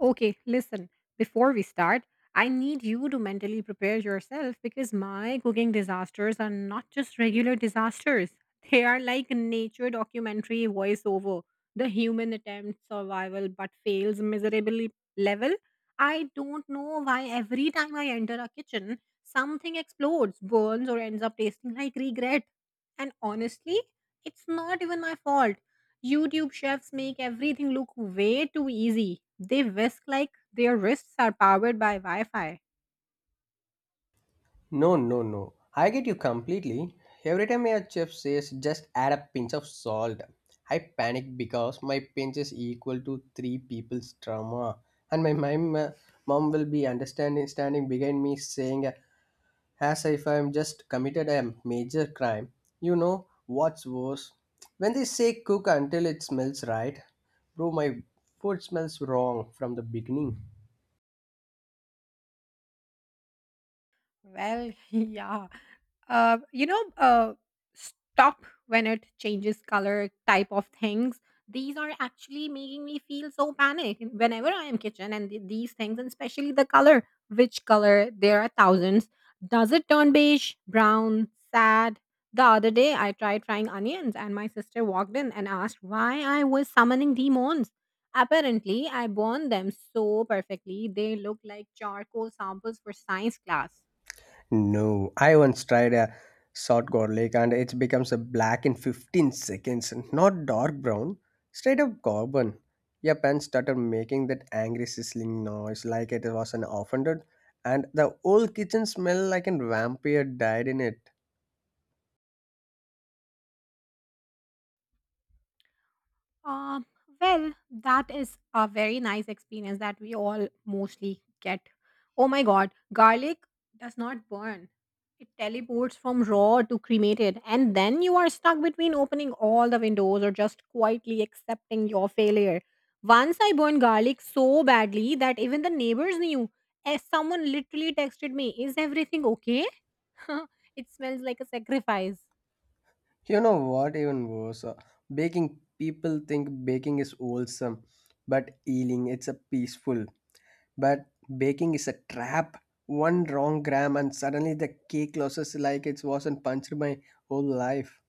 Okay, listen, before we start, I need you to mentally prepare yourself because my cooking disasters are not just regular disasters. They are like nature documentary voiceover, the human attempt survival but fails miserably level. I don't know why every time I enter a kitchen, something explodes, burns, or ends up tasting like regret. And honestly, it's not even my fault. YouTube chefs make everything look way too easy. They whisk like their wrists are powered by Wi Fi. No, no, no. I get you completely. Every time your chef says just add a pinch of salt, I panic because my pinch is equal to three people's trauma. And my mom, mom will be understanding, standing behind me saying, as if I am just committed a major crime. You know what's worse? When they say cook until it smells right, bro, my food smells wrong from the beginning. Well, yeah. uh, you know, uh, Stop when it changes color type of things. These are actually making me feel so panic whenever I am kitchen and these things, and especially the color. Which color? There are thousands. Does it turn beige, brown, sad? The other day, I tried frying onions, and my sister walked in and asked why I was summoning demons. Apparently, I burned them so perfectly, they looked like charcoal samples for science class. No, I once tried a short garlic and it becomes a black in 15 seconds, not dark brown, straight up carbon. Your pen started making that angry sizzling noise like it was an offended, and the whole kitchen smelled like a vampire died in it. Um, well, that is a very nice experience that we all mostly get. Oh my God, garlic does not burn. It teleports from raw to cremated, and then you are stuck between opening all the windows or just quietly accepting your failure. Once I burned garlic so badly that even the neighbors knew. As someone literally texted me, "Is everything okay? It smells like a sacrifice." You know what, even worse, baking people think baking is wholesome, but eating it's a peaceful. But baking is a trap. One wrong gram and suddenly the cake loses like it wasn't punched my whole life.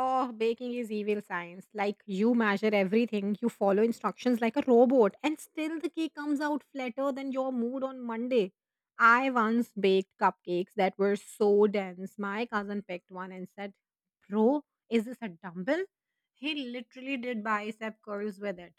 Oh, baking is evil science. Like, you measure everything, you follow instructions like a robot, and still the cake comes out flatter than your mood on Monday. I once baked cupcakes that were so dense. My cousin picked one and said, "Bro, is this a dumbbell?" He literally did bicep curls with it.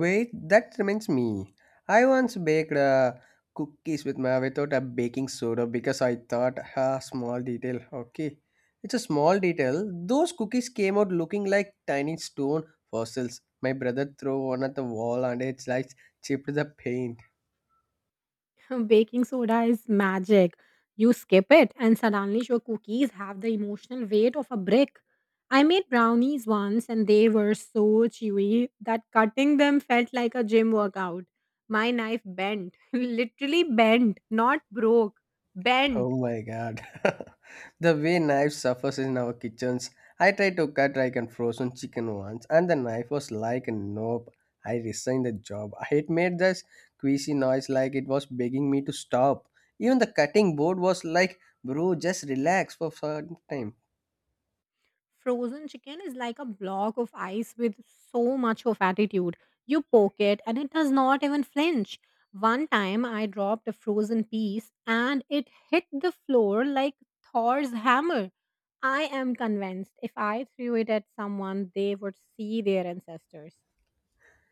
Wait, that reminds me. I once baked cookies with my without a baking soda because I thought a small detail. Okay, it's a small detail. Those cookies came out looking like tiny stone fossils. My brother threw one at the wall and it's like chipped the paint. Baking soda is magic. You skip it, and suddenly your cookies have the emotional weight of a brick. I made brownies once, and they were so chewy that cutting them felt like a gym workout. My knife bent, literally bent, not broke, bent. Oh my god. The way knife suffers in our kitchens. I tried to cut like a frozen chicken once and the knife was like nope. I resigned the job. It made this queasy noise like it was begging me to stop. Even the cutting board was like bro just relax for some time. Frozen chicken is like a block of ice with so much of attitude. You poke it and it does not even flinch. One time I dropped a frozen piece and it hit the floor like Thor's hammer. I am convinced if I threw it at someone, they would see their ancestors.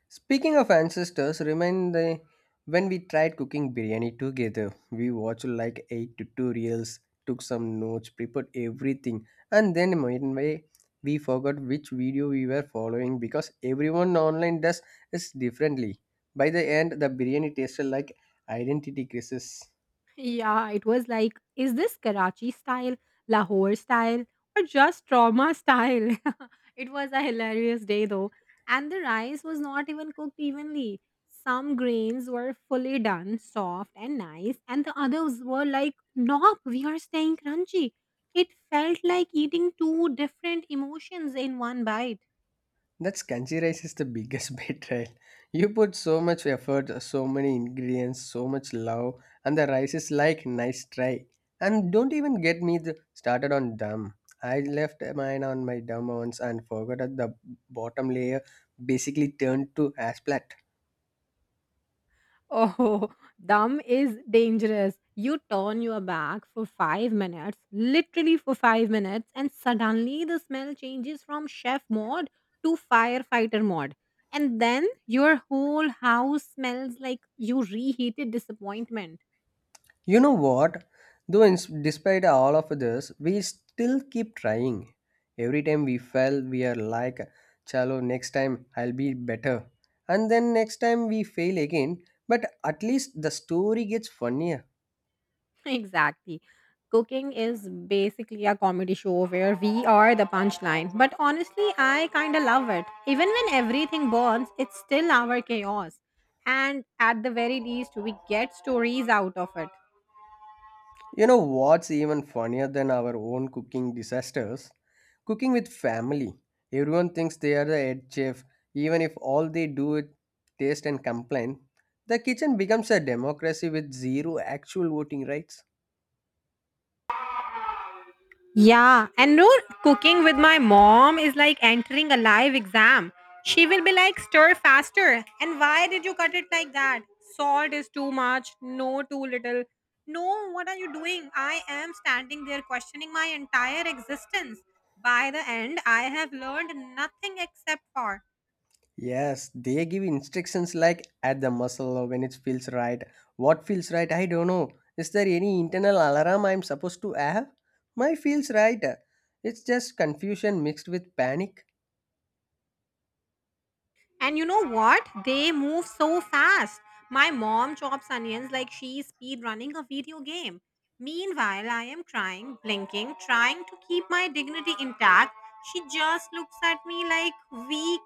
Speaking of ancestors, remind the when we tried cooking biryani together, we watched like 8 tutorials, took some notes, prepared everything, and then midway we forgot which video we were following because everyone online does it differently. By the end, the biryani tasted like identity crisis. Yeah, it was like, is this Karachi style, Lahore style, or just trauma style? It was a hilarious day though. And the rice was not even cooked evenly. Some grains were fully done, soft and nice, and the others were like, nope, we are staying crunchy. It felt like eating two different emotions in one bite. That kanji rice is the biggest betrayal. You put so much effort, so many ingredients, so much love, and the rice is like nice try. And don't even get me started on dumb. I left mine on my dum ones and forgot that the bottom layer basically turned to asphalt. Oh, dumb is dangerous. You turn your back for 5 minutes, literally for 5 minutes, and suddenly the smell changes from chef mode to firefighter mode. And then your whole house smells like you reheated disappointment. You know what? Though, in, Despite all of this, we still keep trying. Every time we fail, we are like, Chalo, next time I'll be better. And then next time we fail again, but at least the story gets funnier. Exactly. Cooking is basically a comedy show where we are the punchline. But honestly, I kind of love it. Even when everything burns, it's still our chaos. And at the very least, we get stories out of it. You know what's even funnier than our own cooking disasters? Cooking with family. Everyone thinks they are the head chef, even if all they do is taste and complain. The kitchen becomes a democracy with zero actual voting rights. Yeah, and no, cooking with my mom is like entering a live exam. She will be like, stir faster. And why did you cut it like that? Salt is too much. No, too little. No, what are you doing? I am standing there questioning my entire existence. By the end, I have learned nothing except for. Yes, they give instructions like at the muscle or when it feels right. What feels right? I don't know. Is there any internal alarm I'm supposed to have? My feels right. It's just confusion mixed with panic. And you know what? They move so fast. My mom chops onions like she's speed running a video game. Meanwhile, I am crying, blinking, trying to keep my dignity intact. She just looks at me like, weak.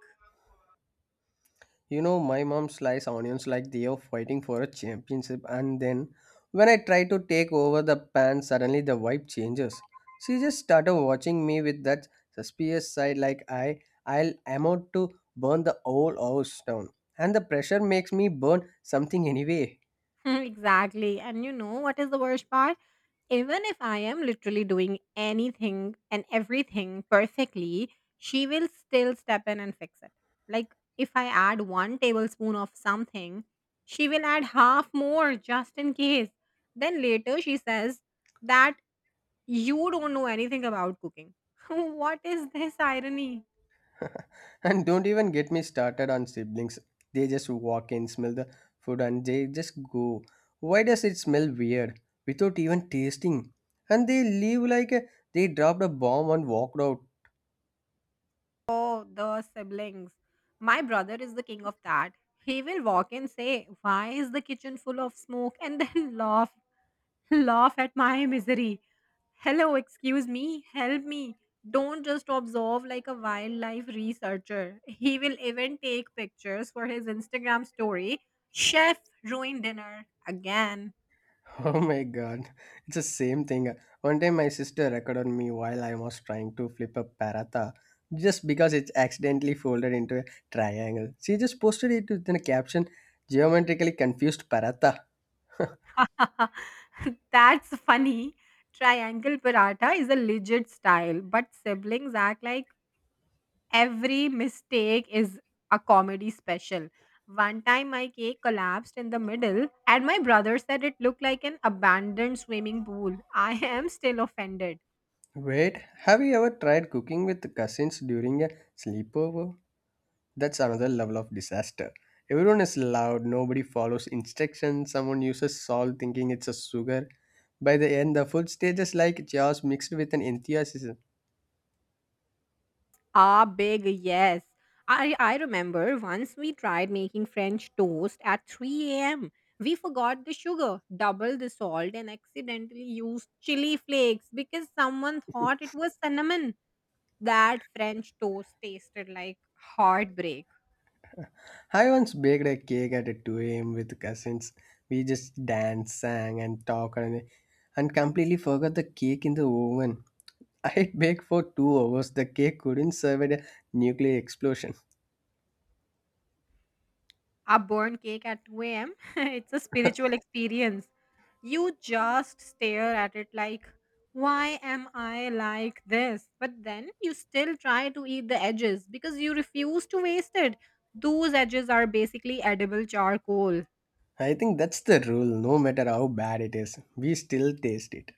You know, my mom slices onions like they are fighting for a championship, and then when I try to take over the pan, suddenly the vibe changes. She just started watching me with that suspicious side, like I'll am out to burn the whole house down, and the pressure makes me burn something anyway. Exactly. And you know what is the worst part? Even if I am literally doing anything and everything perfectly, she will still step in and fix it. Like, if I add 1 tablespoon of something, she will add half more just in case. Then later she says that you don't know anything about cooking. What is this irony? And don't even get me started on siblings. They just walk in, smell the food, and they just go. Why does it smell weird without even tasting? And they leave like a, they dropped a bomb and walked out. Oh, the siblings. My brother is the king of that. He will walk and say, "Why is the kitchen full of smoke?" And then laugh. Laugh at my misery. Hello, excuse me, help me. Don't just observe like a wildlife researcher. He will even take pictures for his Instagram story. Chef ruined dinner again. Oh my god, it's the same thing. One time, my sister recorded me while I was trying to flip a paratha just because it's accidentally folded into a triangle. She just posted it with a caption geometrically confused paratha. That's funny. Triangle paratha is a legit style, but siblings act like every mistake is a comedy special. One time my cake collapsed in the middle, and my brother said it looked like an abandoned swimming pool. I am still offended. Wait, have you ever tried cooking with cousins during a sleepover? That's another level of disaster. Everyone is loud, nobody follows instructions, someone uses salt thinking it's a sugar. By the end, the food stages like chaos mixed with an enthusiasm. Ah, big yes. I remember once we tried making French toast at 3 a.m. We forgot the sugar, doubled the salt, and accidentally used chili flakes because someone thought it was cinnamon. That French toast tasted like heartbreak. I once baked a cake at 2 a.m. with cousins. We just danced, sang, and talked, and completely forgot the cake in the oven. I baked for 2 hours. The cake couldn't survive a nuclear explosion. A burnt cake at 2 a.m. It's a spiritual experience. You just stare at it like, why am I like this? But then you still try to eat the edges because you refuse to waste it. Those edges are basically edible charcoal. I think that's the rule, no matter how bad it is. We still taste it.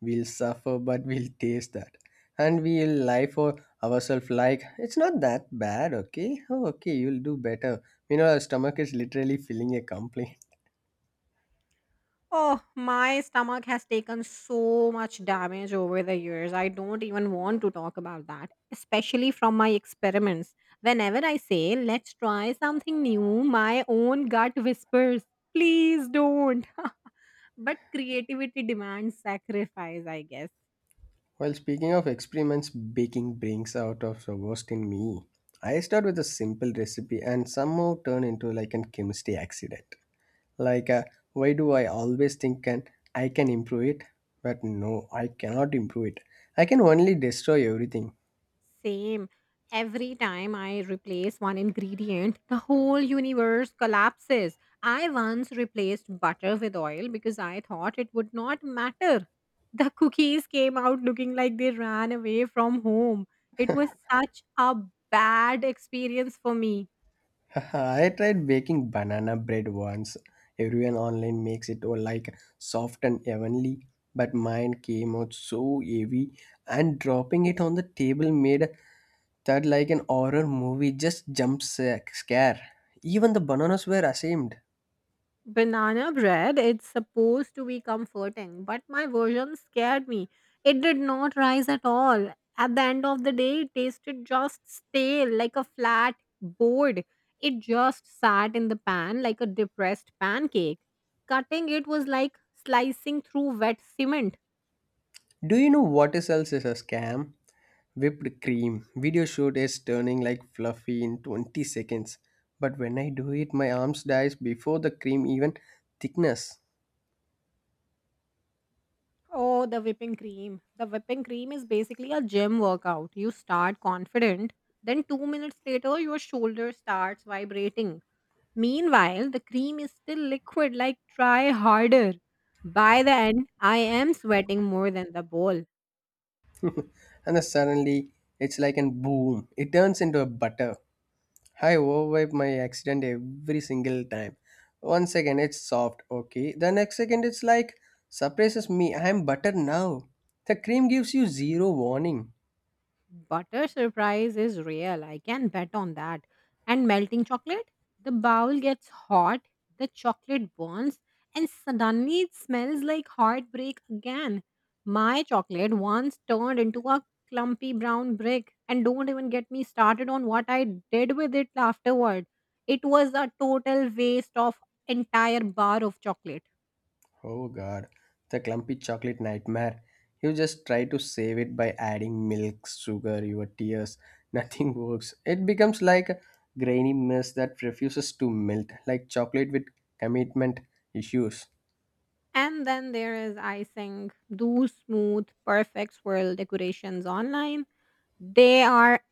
We'll suffer, but we'll taste that. And we'll lie for ourselves like, it's not that bad, okay? Oh, okay, you'll do better. You know, our stomach is literally feeling a complaint. Oh, my stomach has taken so much damage over the years. I don't even want to talk about that, especially from my experiments. Whenever I say, let's try something new, my own gut whispers, please don't. But creativity demands sacrifice, I guess. Well, speaking of experiments, baking brings out of the worst in me. I start with a simple recipe and somehow turn into like an chemistry accident. Like why do I always think can improve it, but no, I cannot improve it. I can only destroy everything. Same. Every time I replace one ingredient, the whole universe collapses. I once replaced butter with oil because I thought it would not matter. The cookies came out looking like they ran away from home. It was such a bad experience for me. I tried baking banana bread once. Everyone online makes it all like soft and heavenly, but mine came out so heavy, and dropping it on the table made that like an horror movie just scare. Even the bananas were ashamed. Banana bread, it's supposed to be comforting, but my version scared me. It did not rise at all. At the end of the day, it tasted just stale, like a flat board. It just sat in the pan like a depressed pancake. Cutting it was like slicing through wet cement. Do you know what is else is a scam? Whipped cream. Video shoot is turning like fluffy in 20 seconds. But when I do it, my arms dies before the cream even thickness. Oh, the whipping cream. The whipping cream is basically a gym workout. You start confident, then 2 minutes later, your shoulder starts vibrating. Meanwhile, the cream is still liquid, like, try harder. By the end, I am sweating more than the bowl. And then suddenly, it's like a boom. It turns into a butter. I overwipe my accident every single time. One second, it's soft, okay. The next second, it's like, surprises me, I am butter now. The cream gives you zero warning. Butter surprise is real, I can bet on that. And melting chocolate? The bowl gets hot, the chocolate burns, and suddenly it smells like heartbreak again. My chocolate once turned into a clumpy brown brick, and don't even get me started on what I did with it afterward. It was a total waste of entire bar of chocolate. Oh god, the clumpy chocolate nightmare. You just try to save it by adding milk, sugar, your tears. Nothing works. It becomes like a grainy mess that refuses to melt, like chocolate with commitment issues. And then there is icing, those smooth, perfect swirl decorations online. They are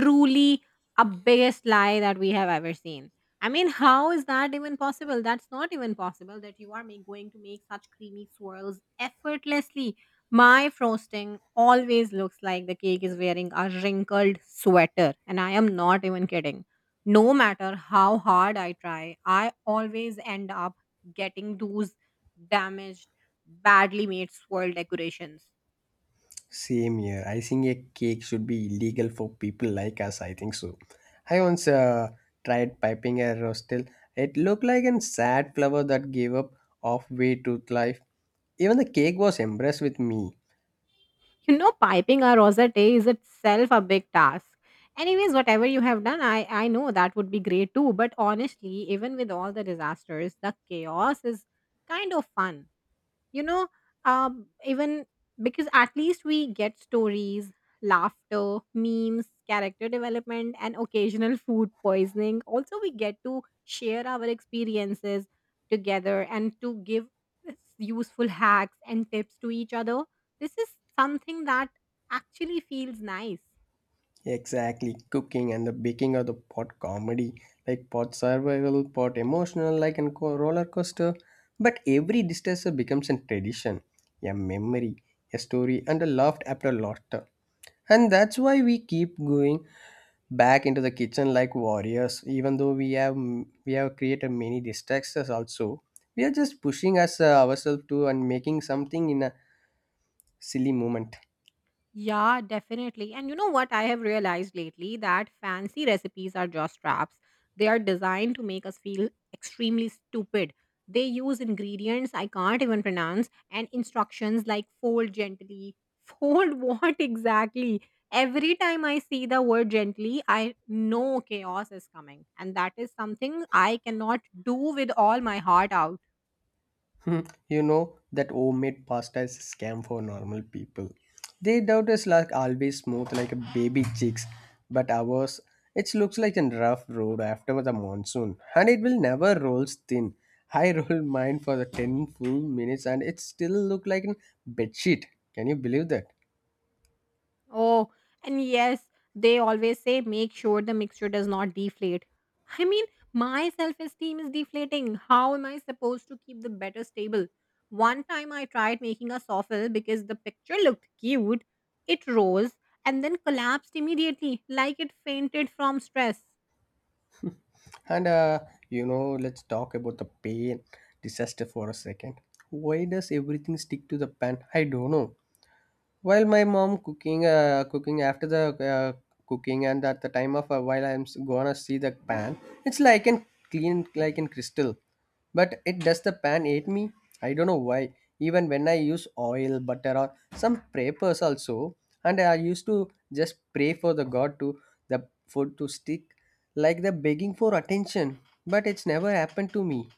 truly a biggest lie that we have ever seen. I mean, how is that even possible? That's not even possible that you are going to make such creamy swirls effortlessly. My frosting always looks like the cake is wearing a wrinkled sweater, and I am not even kidding. No matter how hard I try, I always end up getting those damaged, badly made swirl decorations. Same here. Icing a cake should be illegal for people like us, I think so. I once tried piping a rostel. It looked like a sad flower that gave up halfway to life. Even the cake was impressed with me. You know, piping a rosette is itself a big task. Anyways, whatever you have done, I know that would be great too. But honestly, even with all the disasters, the chaos is kind of fun you know Even because at least we get stories, laughter, memes, character development, and occasional food poisoning. Also, we get to share our experiences together and to give useful hacks and tips to each other. This is something that actually feels nice. Exactly. Cooking and the baking are the pot comedy, like pot survival, pot emotional, like and roller coaster. But every disaster becomes a tradition, a memory, a story, and a laughed after laughter. And that's why we keep going back into the kitchen like warriors, even though we have created many distractions also. We are just pushing us ourselves to and making something in a silly moment. Yeah, definitely. And you know what I have realized lately, that fancy recipes are just traps. They are designed to make us feel extremely stupid. They use ingredients I can't even pronounce and instructions like fold gently. Fold what exactly? Every time I see the word gently, I know chaos is coming. And that is something I cannot do with all my heart out. Hmm, you know that homemade pasta is a scam for normal people. They doubt is like always smooth like a baby chicks, but ours it looks like a rough road after the monsoon, and it will never rolls thin. I rolled mine for the 10 full minutes, and it still look like a bed sheet. Can you believe that? Oh, and yes, they always say make sure the mixture does not deflate. I mean, my self esteem is deflating. How am I supposed to keep the better stable? One time I tried making a souffle because the picture looked cute. It rose and then collapsed immediately, like it fainted from stress. And you know, let's talk about the pain disaster for a second. Why does everything stick to the pan? I don't know. While my mom cooking, cooking after the cooking and at the time of while I'm gonna see the pan, it's like in clean, like in crystal. But it does the pan ate me. I don't know why. Even when I use oil, butter, or some prayers also, and I used to just pray for the God to the food to stick, like the begging for attention. But it's never happened to me.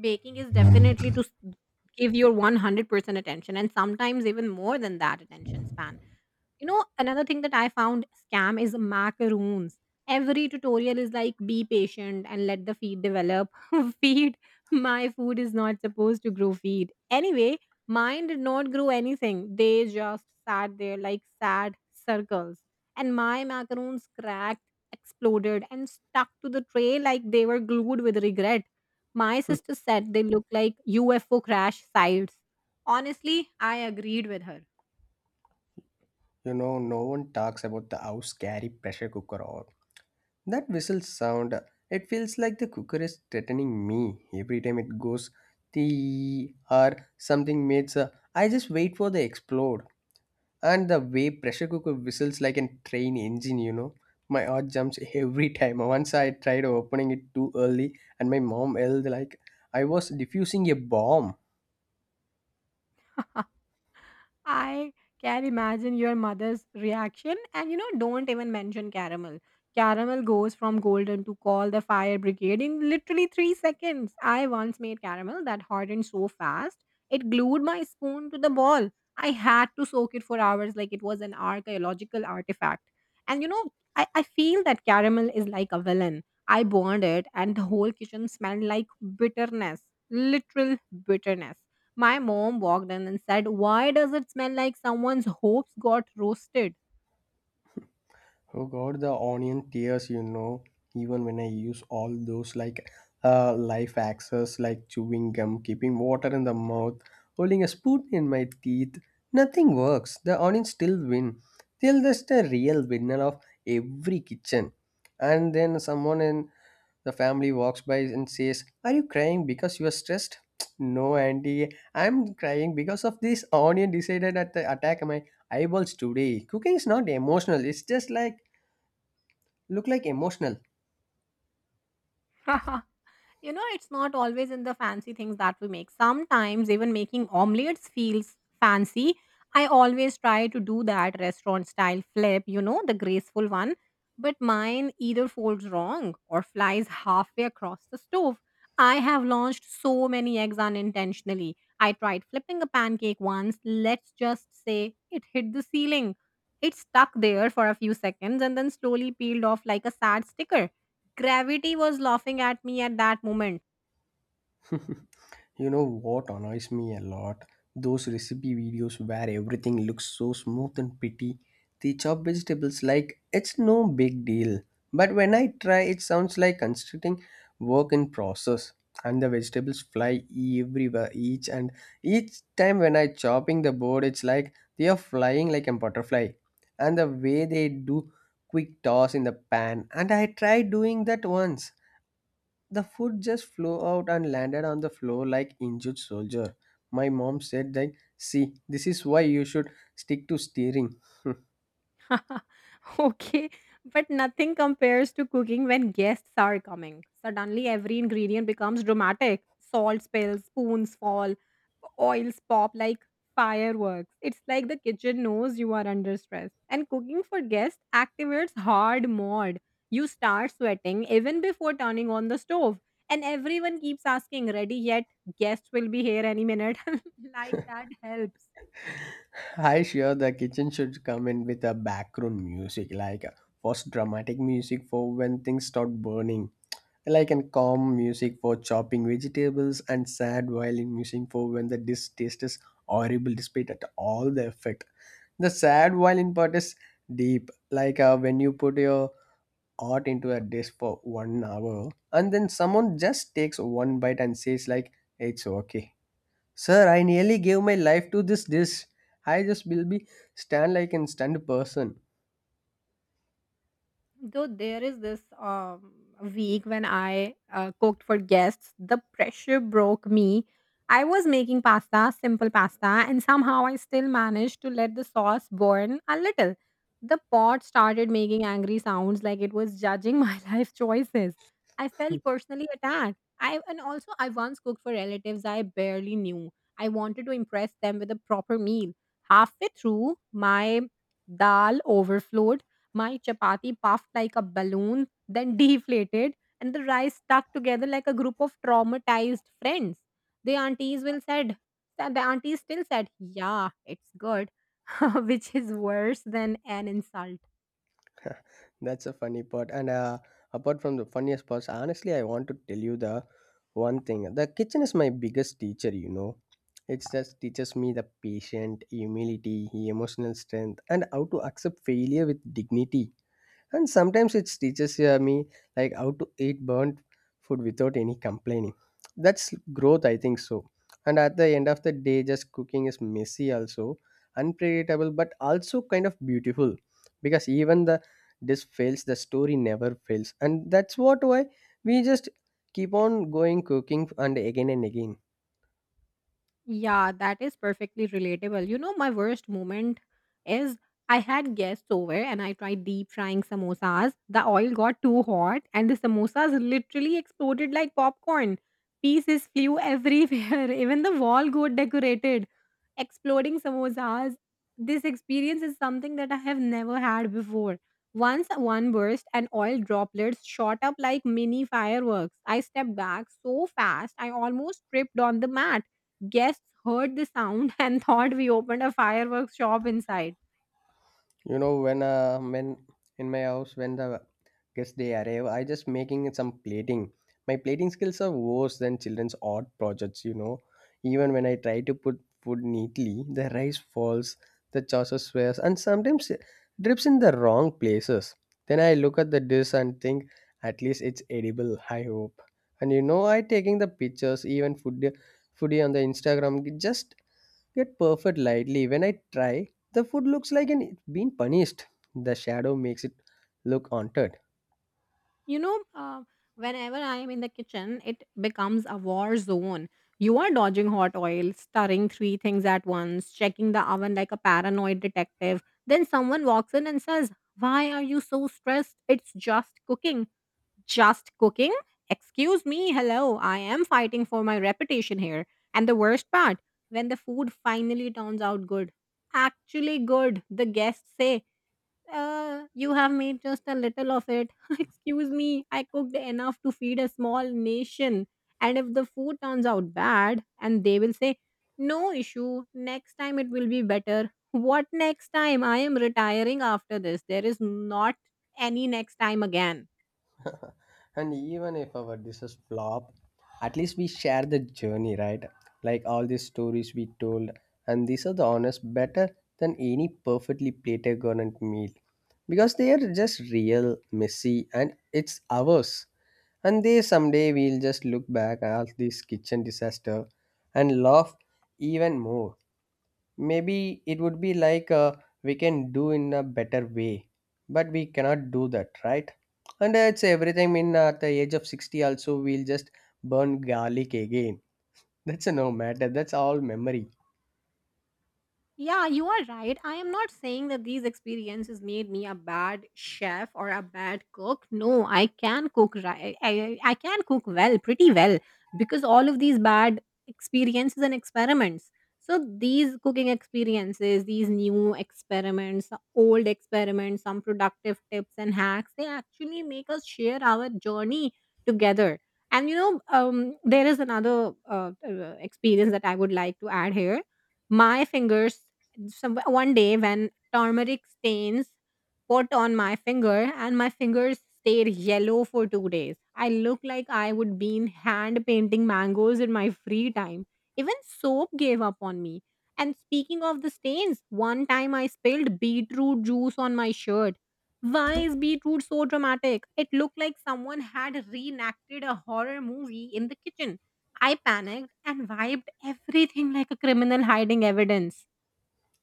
Baking is definitely to give your 100% attention and sometimes even more than that attention span. You know, another thing that I found scam is macaroons. Every tutorial is like, be patient and let the feed develop. Feed, my food is not supposed to grow feed. Anyway, mine did not grow anything. They just sat there like sad circles. And my macaroons cracked, exploded, and stuck to the tray like they were glued with regret. My sister said they look like UFO crash sites. Honestly, I agreed with her. You know, no one talks about the house carry pressure cooker or that whistle sound. It feels like the cooker is threatening me every time it goes tee or something makes a, I just wait for the explode. And the way pressure cooker whistles like a train engine, you know, my heart jumps every time. Once I tried opening it too early and my mom yelled like I was diffusing a bomb. I can imagine your mother's reaction. And you know, don't even mention caramel. Caramel goes from golden to call the fire brigade in literally 3 seconds. I once made caramel that hardened so fast, it glued my spoon to the ball. I had to soak it for hours like it was an archaeological artifact. And I feel that caramel is like a villain. I burned it, and the whole kitchen smelled like bitterness, literal bitterness. My mom walked in and said, "Why does it smell like someone's hopes got roasted?" Oh God, the onion tears, you know, even when I use all those like life access, like chewing gum, keeping water in the mouth, holding a spoon in my teeth, nothing works. The onions still win. They're just a real winner of every kitchen. And then someone in the family walks by and says, Are you crying because you are stressed? No, Auntie, I'm crying because of this onion decided at the attack my eyeballs today. Cooking is not emotional, it's just like look like emotional. It's not always in the fancy things that we make. Sometimes even making omelets feels fancy. I always try to do that restaurant style flip, the graceful one. But mine either folds wrong or flies halfway across the stove. I have launched so many eggs unintentionally. I tried flipping a pancake once. Let's just say it hit the ceiling. It stuck there for a few seconds and then slowly peeled off like a sad sticker. Gravity was laughing at me at that moment. You know what annoys me a lot? Those recipe videos where everything looks so smooth and pretty. They chop vegetables like it's no big deal. But when I try, it sounds like constructing work in process. And the vegetables fly everywhere, each time when I chopping the board, it's like they are flying like a butterfly. And the way they do quick toss in the pan, and I tried doing that once. The food just flew out and landed on the floor like injured soldier. My mom said that, see, this is why you should stick to steering. Okay, but nothing compares to cooking when guests are coming. Suddenly, every ingredient becomes dramatic. Salt spills, spoons fall, oils pop like fireworks. It's like the kitchen knows you are under stress. And cooking for guests activates hard mode. You start sweating even before turning on the stove. And everyone keeps asking, "Ready yet? Guests will be here any minute." Like that helps. I sure the kitchen should come in with a background music, first dramatic music for when things start burning, like a calm music for chopping vegetables and sad violin music for when the distaste is horrible despite at all the effect. The sad violin part is deep, when you put your art into a dish for 1 hour and then someone just takes one bite and says like it's okay, sir, I nearly gave my life to this dish. I just will be stand like an stunned person. Though there is this week when I cooked for guests, the pressure broke me. I was making pasta, simple pasta, and somehow I still managed to let the sauce burn a little. The pot started making angry sounds like it was judging my life choices. I felt personally attacked. I and also I once cooked for relatives I barely knew. I wanted to impress them with a proper meal. Halfway through, my dal overflowed, my chapati puffed like a balloon, then deflated, and the rice stuck together like a group of traumatized friends. The aunties will said, the aunties still said, "Yeah, it's good," which is worse than an insult. That's a funny part, and apart from the funniest parts, honestly, I want to tell you the one thing, the kitchen is my biggest teacher, you know. It just teaches me the patient humility, emotional strength, and how to accept failure with dignity. And sometimes it teaches me like how to eat burnt food without any complaining. That's growth, I think so. And at the end of the day, just cooking is messy also, unpredictable, but also kind of beautiful, because even the dish fails, the story never fails, and that's what why we just keep on going cooking and again and again. Yeah, that is perfectly relatable. My worst moment is I had guests over and I tried deep frying samosas. The oil got too hot and the samosas literally exploded like popcorn. Pieces flew everywhere. Even the wall got decorated. Exploding samosas. This experience is something that I have never had before. Once one burst and oil droplets shot up like mini fireworks. I stepped back so fast I almost tripped on the mat. Guests heard the sound and thought we opened a fireworks shop inside. You know, when in my house when the guests they arrive, I just making some plating. My plating skills are worse than children's art projects, you know. Even when I try to put food neatly, the rice falls, the saucer swears, and sometimes it drips in the wrong places. Then I look at the dish and think, at least it's edible, I hope. And you know, I taking the pictures, even foodie on the Instagram, just get perfect lightly. When I try, the food looks like an, it's been punished. The shadow makes it look haunted. You know, uh, whenever I am in the kitchen, it becomes a war zone. You are dodging hot oil, stirring three things at once, checking the oven like a paranoid detective. Then someone walks in and says, "Why are you so stressed? It's just cooking." Just cooking? Excuse me, hello. I am fighting for my reputation here. And the worst part, when the food finally turns out good, actually good, the guests say, "You have made just a little of it." Excuse me, I cooked enough to feed a small nation. And if the food turns out bad, and they will say, "No issue, next time it will be better." What next time? I am retiring after this. There is not any next time again. And even if our dishes flop, at least we share the journey, right? Like all these stories we told, and these are the honest better than any perfectly plated government meal, because they are just real, messy, and it's ours. And they someday we'll just look back at this kitchen disaster and laugh even more. Maybe it would be we can do in a better way, but we cannot do that, right? And it's everything in at the age of 60 also, we'll just burn garlic again. That's a no matter, that's all memory. Yeah, you are right. I am not saying that these experiences made me a bad chef or a bad cook. No, I can cook right. I can cook well, pretty well, because all of these bad experiences and experiments. So these cooking experiences, these new experiments, old experiments, some productive tips and hacks, they actually make us share our journey together. There is another experience that I would like to add here. My fingers, some, one day when turmeric stains put on my finger, and my fingers stayed yellow for 2 days. I look like I would been hand painting mangoes in my free time. Even soap gave up on me. And speaking of the stains, one time I spilled beetroot juice on my shirt. Why is beetroot so dramatic? It looked like someone had reenacted a horror movie in the kitchen. I panicked and wiped everything like a criminal hiding evidence.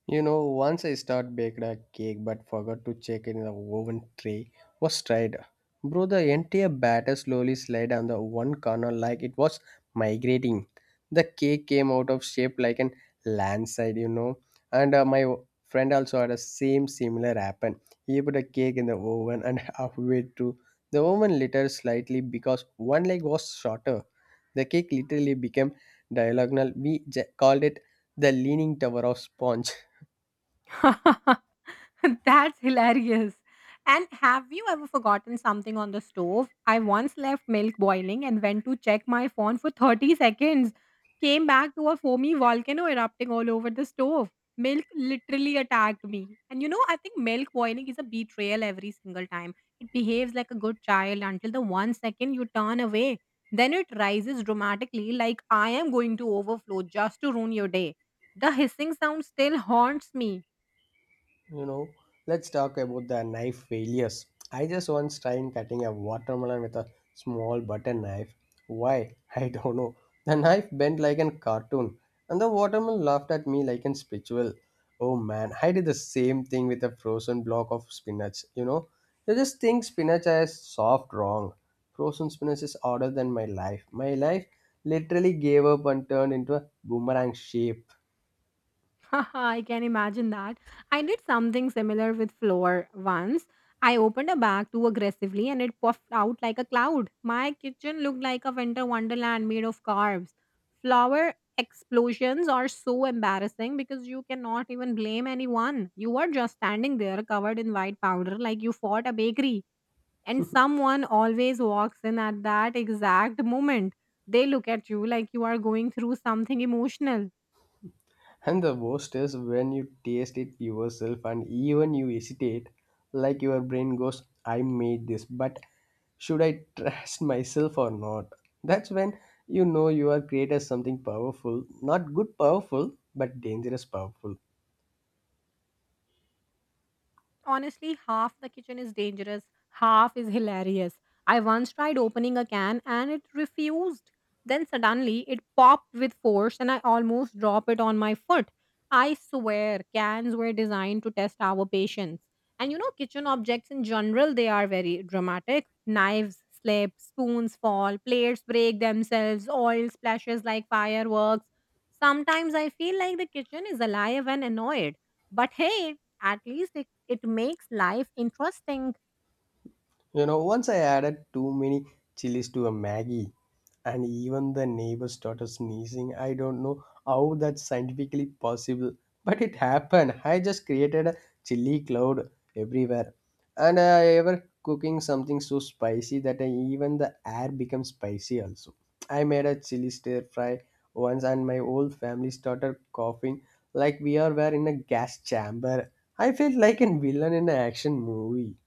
You know, once I start baked a cake but forgot to check in the oven tray was tried. Bro, the entire batter slowly slid on the one corner like it was migrating. The cake came out of shape like an landslide, you know. And my friend also had a same similar happen. He put a cake in the oven and halfway through, the oven littered slightly because one leg was shorter. The cake literally became diagonal. We called it the leaning tower of sponge. That's hilarious. And have you ever forgotten something on the stove? I once left milk boiling and went to check my phone for 30 seconds. Came back to a foamy volcano erupting all over the stove. Milk literally attacked me. And I think milk boiling is a betrayal every single time. It behaves like a good child until the one second you turn away. Then it rises dramatically, like, "I am going to overflow just to ruin your day." The hissing sound still haunts me. You know, let's talk about the knife failures. I just once tried cutting a watermelon with a small butter knife. Why? I don't know. The knife bent like a cartoon, and the watermelon laughed at me like a spiritual. Oh man, I did the same thing with a frozen block of spinach. You know, you just think spinach is soft, wrong. Frozen spinach is harder than my life. My life literally gave up and turned into a boomerang shape. Haha, I can imagine that. I did something similar with flour once. I opened a bag too aggressively and it puffed out like a cloud. My kitchen looked like a winter wonderland made of carbs. Flour explosions are so embarrassing because you cannot even blame anyone. You are just standing there covered in white powder like you fought a bakery. And someone always walks in at that exact moment. They look at you like you are going through something emotional. And the worst is when you taste it yourself and even you hesitate, like your brain goes, I made this, but should I trust myself or not? That's when you know you are created something powerful, not good powerful, but dangerous powerful. Honestly, half the kitchen is dangerous, half is hilarious. I once tried opening a can and it refused. Then suddenly it popped with force and I almost dropped it on my foot. I swear cans were designed to test our patience. And kitchen objects in general, they are very dramatic. Knives slip, spoons fall, plates break themselves, oil splashes like fireworks. Sometimes I feel like the kitchen is alive and annoyed. But hey, at least it makes life interesting. You know, once I added too many chilies to a Maggie, and even the neighbor started sneezing. I don't know how that's scientifically possible, but it happened. I just created a chili cloud everywhere. And I ever cooking something so spicy that I, even the air becomes spicy also. I made a chili stir fry once, and my whole family started coughing like we are were in a gas chamber. I felt like a villain in an action movie.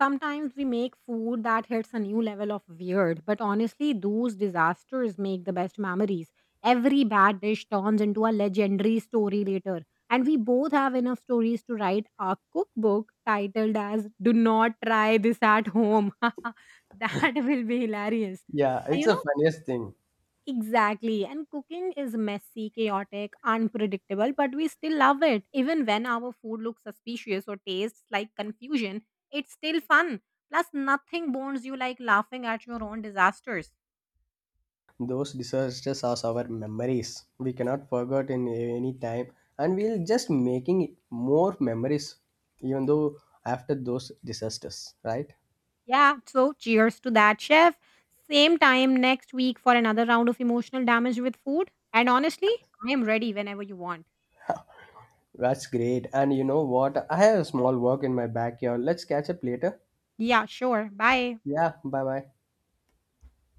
Sometimes we make food that hits a new level of weird, but honestly, those disasters make the best memories. Every bad dish turns into a legendary story later. And we both have enough stories to write a cookbook titled as "Do Not Try This at Home." That will be hilarious. Yeah, And it's the funniest thing. exactly. And cooking is messy, chaotic, unpredictable, but we still love it. Even when our food looks suspicious or tastes like confusion, it's still fun. Plus, nothing bonds you like laughing at your own disasters. Those disasters are our memories. We cannot forget in any time, and we'll just making more memories, even though after those disasters, right? Yeah, so cheers to that, chef. Same time next week for another round of emotional damage with food. And honestly, I am ready whenever you want. That's great. And you know what? I have a small work in my backyard. Let's catch up later. Yeah, sure. Bye. Yeah, bye bye.